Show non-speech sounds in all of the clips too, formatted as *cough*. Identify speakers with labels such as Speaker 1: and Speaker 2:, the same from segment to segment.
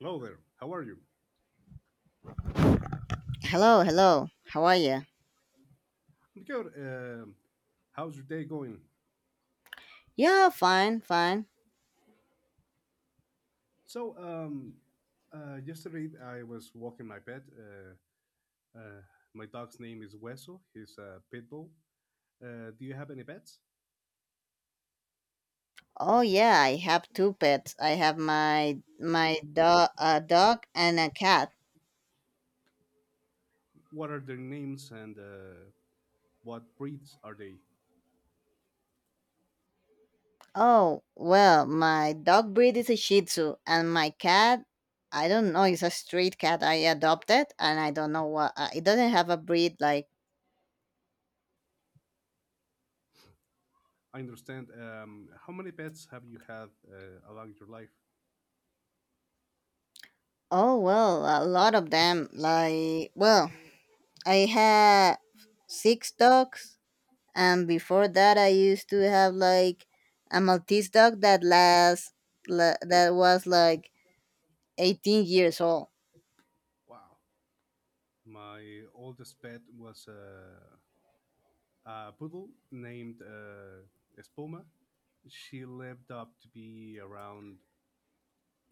Speaker 1: Hello there. How are you?
Speaker 2: Hello, hello. How are you?
Speaker 1: I'm good. How's your day going?
Speaker 2: Yeah, fine, fine.
Speaker 1: So, um, Yesterday I was walking my pet. Uh, my dog's name is Hueso. He's a pit bull. Do you have any pets?
Speaker 2: Oh yeah, I have two pets. I have my dog, a dog and a cat.
Speaker 1: What are their names and what breeds are they?
Speaker 2: Oh well, my dog breed is a Shih Tzu, and my cat, I don't know, it's a street cat I adopted, and I don't know what it doesn't have a breed. Like
Speaker 1: I understand. How many pets have you had along your life?
Speaker 2: oh well, a lot of them. Like well, I had six dogs, and before that I used to have like a maltese dog that last that was like 18 years old.
Speaker 1: Wow. My oldest pet was a poodle named Espuma. She lived up to be around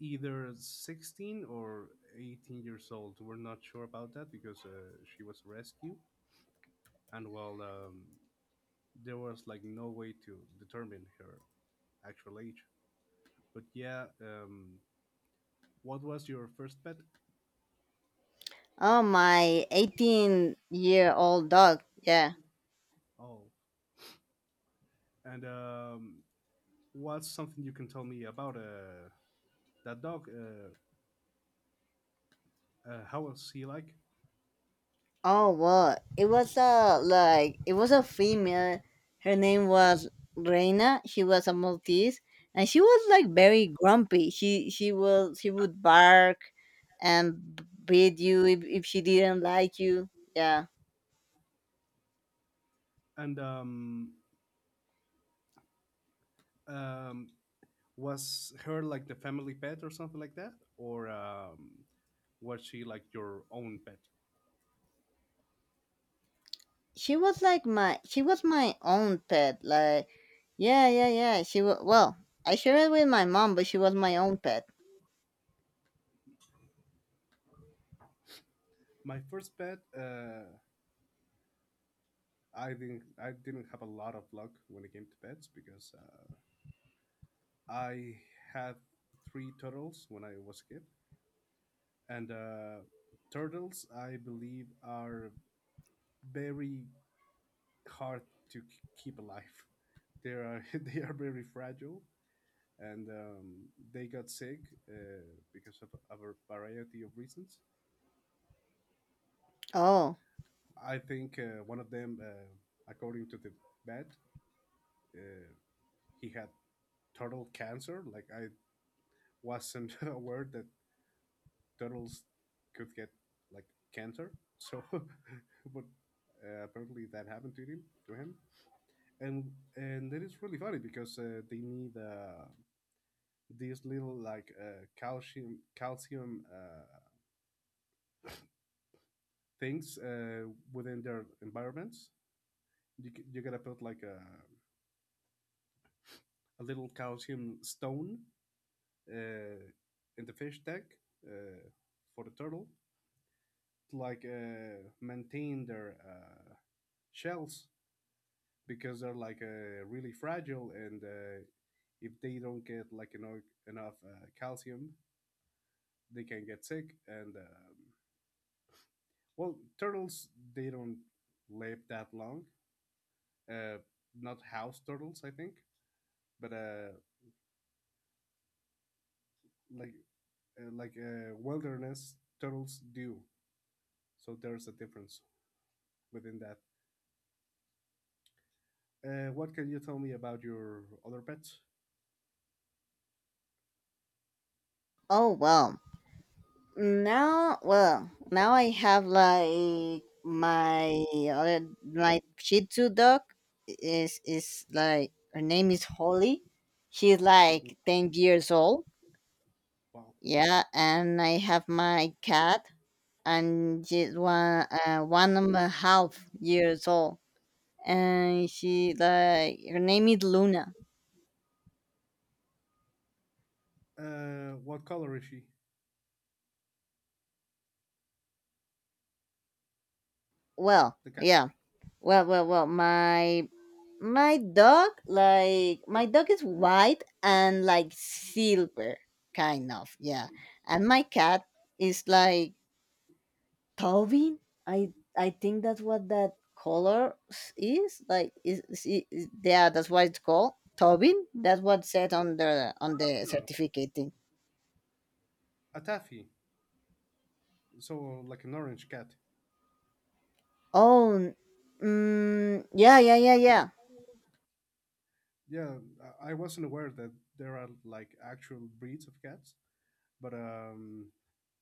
Speaker 1: either 16 or 18 years old. We're not sure about that because she was rescued, and well, there was like no way to determine her actual age. But yeah, what was your first pet?
Speaker 2: Oh, my 18-year-old dog, yeah.
Speaker 1: Oh, and what's something you can tell me about that dog? How was he like?
Speaker 2: Oh, what it was a it was a female. Her name was reina. She was a maltese, and she was like very grumpy. She will she would bark and beat you if she didn't like you, yeah.
Speaker 1: And um, was her like the family pet or something like that, or was she like your own pet?
Speaker 2: She was like my she was my own pet, like, yeah, yeah, yeah. She was, well, I shared it with my mom, but she was my own pet.
Speaker 1: My first pet, I didn't have a lot of luck when it came to pets because I had three turtles when I was a kid, and turtles I believe are very hard to keep alive. They are *laughs* they are very fragile, and they got sick uh, because of a variety of reasons.
Speaker 2: Oh,
Speaker 1: I think one of them, according to the vet, uh, he had turtle cancer. Like I wasn't *laughs* aware that turtles could get like cancer. So, *laughs* but apparently that happened to him. And that is really funny because they need these little like calcium things within their environments. You gotta put like a little calcium stone uh, in the fish tank uh, for the turtle to like maintain their shells because they're like really fragile, and if they don't get like enough calcium, they can get sick, and well, turtles they don't live that long, uh, not house turtles I think, but like wilderness turtles do, so there's a difference within that. What can you tell me about your other pets?
Speaker 2: oh well, now I have like my other, my shih tzu dog is like her name is holly. She's like 10 years old.
Speaker 1: Wow.
Speaker 2: Yeah, and I have my cat, and she's 1.5 years old, and she like her name is Luna.
Speaker 1: What color is she?
Speaker 2: Well,
Speaker 1: The cat.
Speaker 2: yeah. Well, My my dog like my dog is white and like silver kind of, yeah, and my cat is like Taubin. I think that's what that color is like. Is yeah? That's why it's called Taubin. That's what said on the
Speaker 1: Ah,
Speaker 2: certificate thing.
Speaker 1: a taffy. So like an orange cat.
Speaker 2: Oh, mm, yeah, yeah, yeah, yeah.
Speaker 1: Yeah, I wasn't aware that there are like actual breeds of cats, but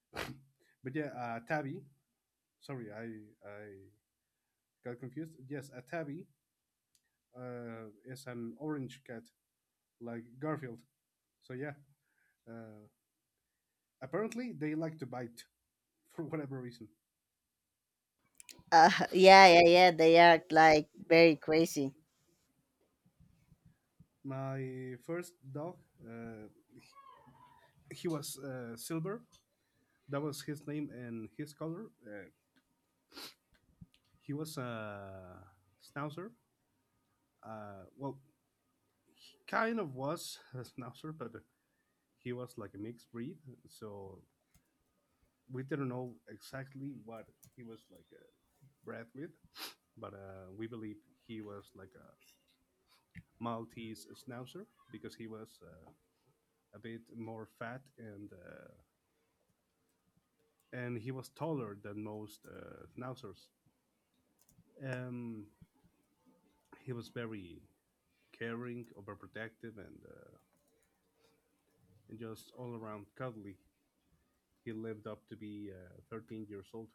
Speaker 1: *coughs* *laughs* but yeah, tabby. Sorry, I got confused. Yes, a tabby is an orange cat, like Garfield. So yeah, uh, apparently they like to bite *laughs* for whatever reason.
Speaker 2: *laughs* Yeah, yeah, yeah. They are like very crazy.
Speaker 1: My first dog, uh, he was silver. That was his name and his color. He was a schnauzer. Well, he kind of was *laughs* a schnauzer, but he was like a mixed breed. So we didn't know exactly what he was like bred with, but we believe he was like a Maltese schnauzer because he was a bit more fat and he was taller than most schnauzers. Um, he was very caring, overprotective, and just all around cuddly. He lived up to be 13 years old,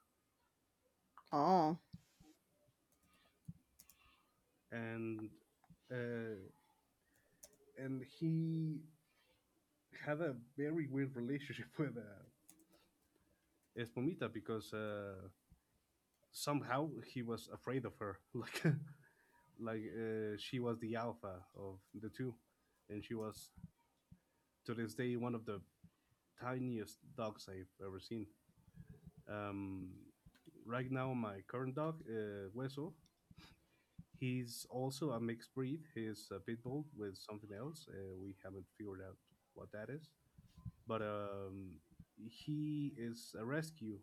Speaker 2: Oh,
Speaker 1: and uh, and he had a very weird relationship *laughs* with Espumita because somehow he was afraid of her, *laughs* like she was the alpha of the two, and she was to this day one of the tiniest dogs I've ever seen. Um, right now, my current dog, Hueso, he's also a mixed breed. He's a pit bull with something else. We haven't figured out what that is, but he is a rescue.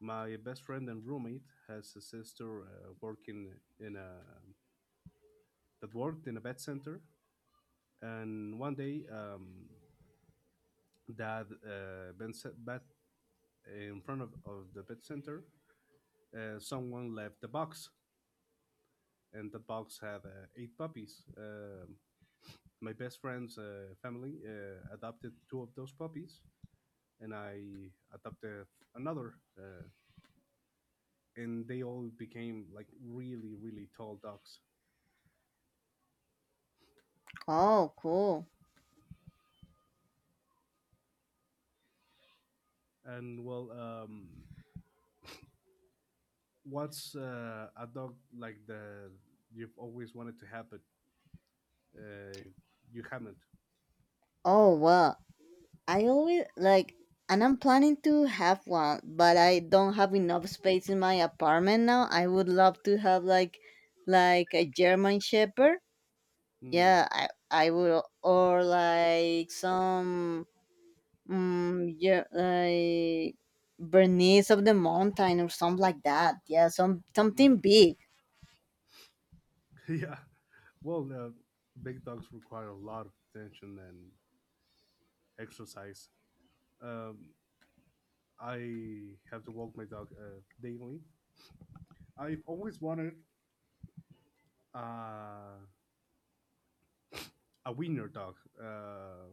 Speaker 1: My best friend and roommate has a sister working in a that worked in a vet center, and one day, that been set back in front of the pet center, someone left the box, and the box had eight puppies. My best friend's family adopted two of those puppies, and I adopted another, and they all became like really, really tall dogs.
Speaker 2: oh, cool.
Speaker 1: And well, what's a dog like the you've always wanted to have, but uh, you haven't?
Speaker 2: Oh, well, I always like, and I'm planning to have one, but I don't have enough space in my apartment now. I would love to have like a German Shepherd.
Speaker 1: Hmm.
Speaker 2: Yeah, I would, or like some, yeah, like Bernese of the mountain or something like that. Yeah, some, something big.
Speaker 1: *laughs* Yeah. Well, big dogs require a lot of attention and exercise. Um, I have to walk my dog daily. I've always wanted uh, a winner dog, uh,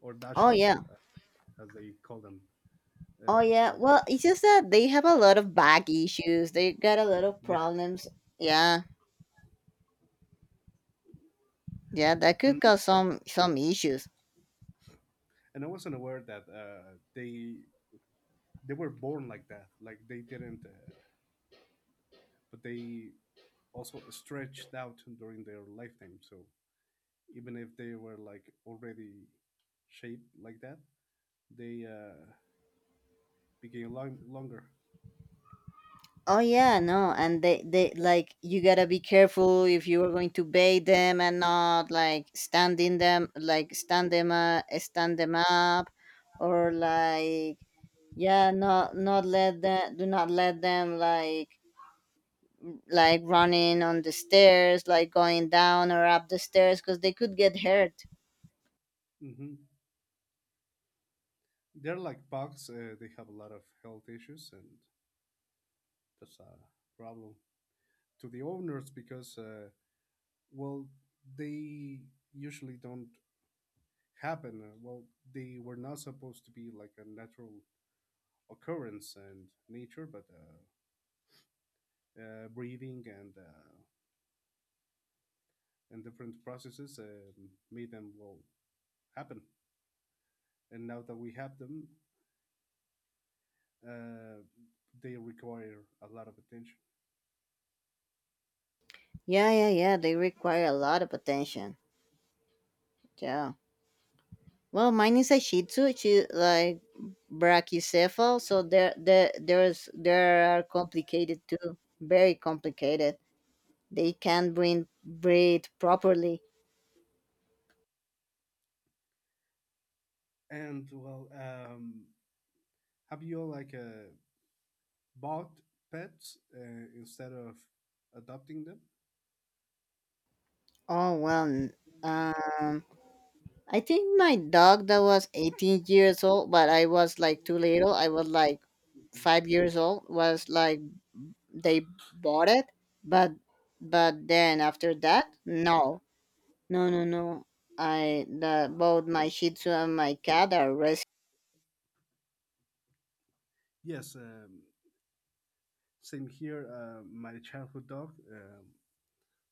Speaker 1: or
Speaker 2: Oh
Speaker 1: dachshund,
Speaker 2: yeah.
Speaker 1: as they call them,
Speaker 2: Oh yeah,
Speaker 1: or
Speaker 2: well, it's just that they have a lot of back issues. They got a lot of
Speaker 1: yeah.
Speaker 2: problems. Yeah, yeah, that could
Speaker 1: and
Speaker 2: cause some issues.
Speaker 1: and I wasn't aware that they were born like that, like they didn't but they also stretched out during their lifetime, so even if they were like already shaped like that, they became longer.
Speaker 2: Oh yeah, no, and they like you gotta be careful if you are going to bait them and not like standing them like stand them up, or like yeah, not let them do not let them like running on the stairs, like going down or up the stairs, because they could get hurt.
Speaker 1: Hmm, they're like bugs, they have a lot of health issues, and that's a problem to the owners because well, they usually don't happen. Well, they were not supposed to be like a natural occurrence and nature, but breathing and and different processes made them well happen, and now that we have them, uh, they require a lot of attention.
Speaker 2: Yeah, yeah, yeah. They require a lot of attention. Yeah. Well, mine is a Shih Tzu. She like brachycephal, so there are complicated too. Very complicated. They can't breathe properly.
Speaker 1: And well, have you like bought pets instead of adopting them?
Speaker 2: Oh well. Um, I think my dog that was 18 years old, but I was like too little. I was like 5 years old. Was like they bought it, but then after that, no. No, no, no. I the both my Shih Tzu and my cat are rescued.
Speaker 1: Yes, same here. My childhood dog,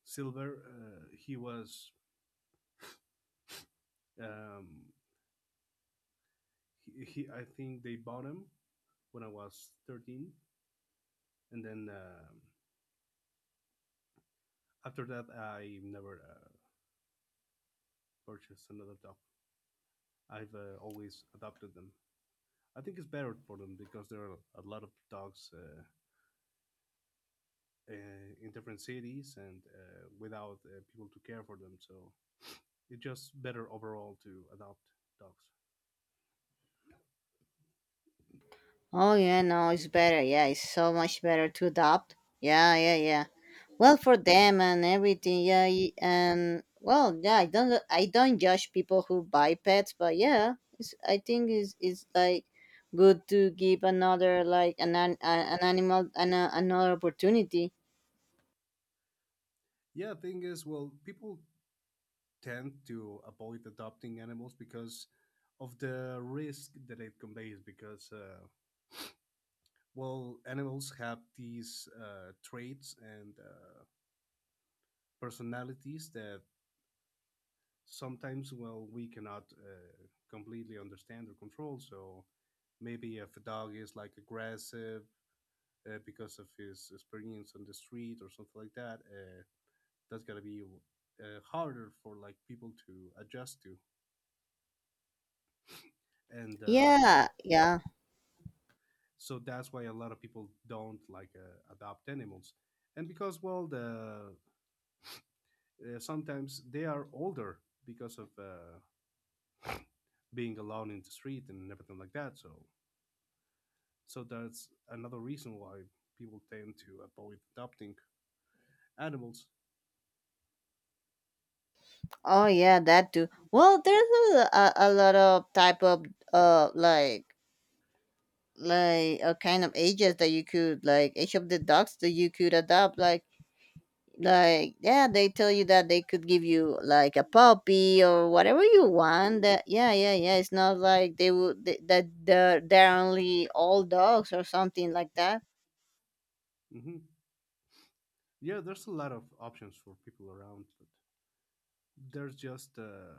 Speaker 1: Silver. He was. Um, he, he. I think they bought him when I was 13, and then, after that, I never purchased another dog. I've always adopted them. I think it's better for them because there are a lot of dogs uh, in different cities and without people to care for them. So it's just better overall to adopt dogs.
Speaker 2: Oh yeah, no, it's better. Yeah, it's so much better to adopt. Yeah, yeah, yeah. Well, for them and everything. Yeah, and well, yeah. I don't judge people who buy pets, but yeah, it's, I think it's like good to give another like an animal another opportunity.
Speaker 1: Yeah, thing is, well, people tend to avoid adopting animals because of the risk that it conveys. Because, well, animals have these traits and personalities that sometimes, well, we cannot completely understand or control. So maybe if a dog is like aggressive because of his experience on the street or something like that, that's gonna be harder for like people to adjust to and
Speaker 2: Yeah, yeah.
Speaker 1: so that's why a lot of people don't like adopt animals, and because well, the sometimes they are older because of being alone in the street and everything like that, so that's another reason why people tend to avoid adopting animals.
Speaker 2: Oh yeah, that too. Well, there's a lot of type of like a kind of ages that you could like each of the dogs that you could adopt like, yeah, they tell you that they could give you like a puppy or whatever you want. That Yeah, yeah, yeah, it's not like they would that they're only all dogs or something like that.
Speaker 1: Hmm, yeah, there's a lot of options for people around, but there's just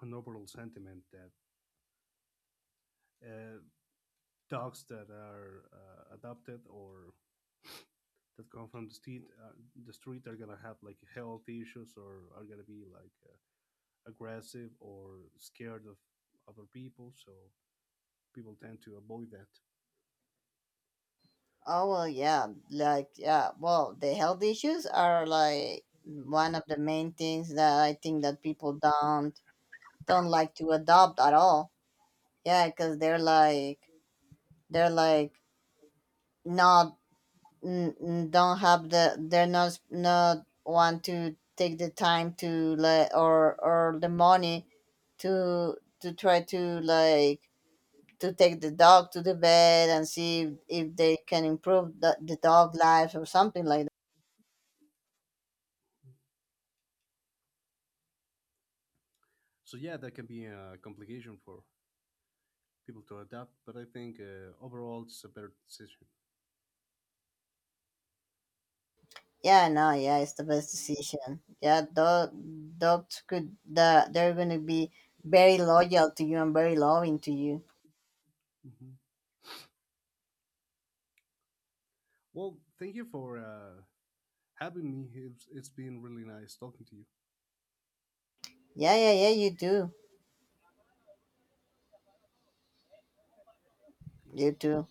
Speaker 1: an overall sentiment that uh, dogs that are adopted or that come from the street, are gonna have like health issues or are gonna be like aggressive or scared of other people, so people tend to avoid that.
Speaker 2: Oh well, yeah, like yeah, well the health issues are like one of the main things that I think that people don't like to adopt at all. Yeah, because they're like not, don't have the, they're not want to take the time to like, or the money to try to like to take the dog to the vet and see if they can improve the dog life or something like that.
Speaker 1: So yeah, that can be a complication for people to adapt, but I think overall it's a better decision.
Speaker 2: Yeah, no, yeah, it's the best decision. Yeah, dogs could, they're gonna be very loyal to you and very loving to you.
Speaker 1: Hmm. Well, thank you for having me. It's been really nice talking to you.
Speaker 2: Yeah, yeah, yeah, you do, you do.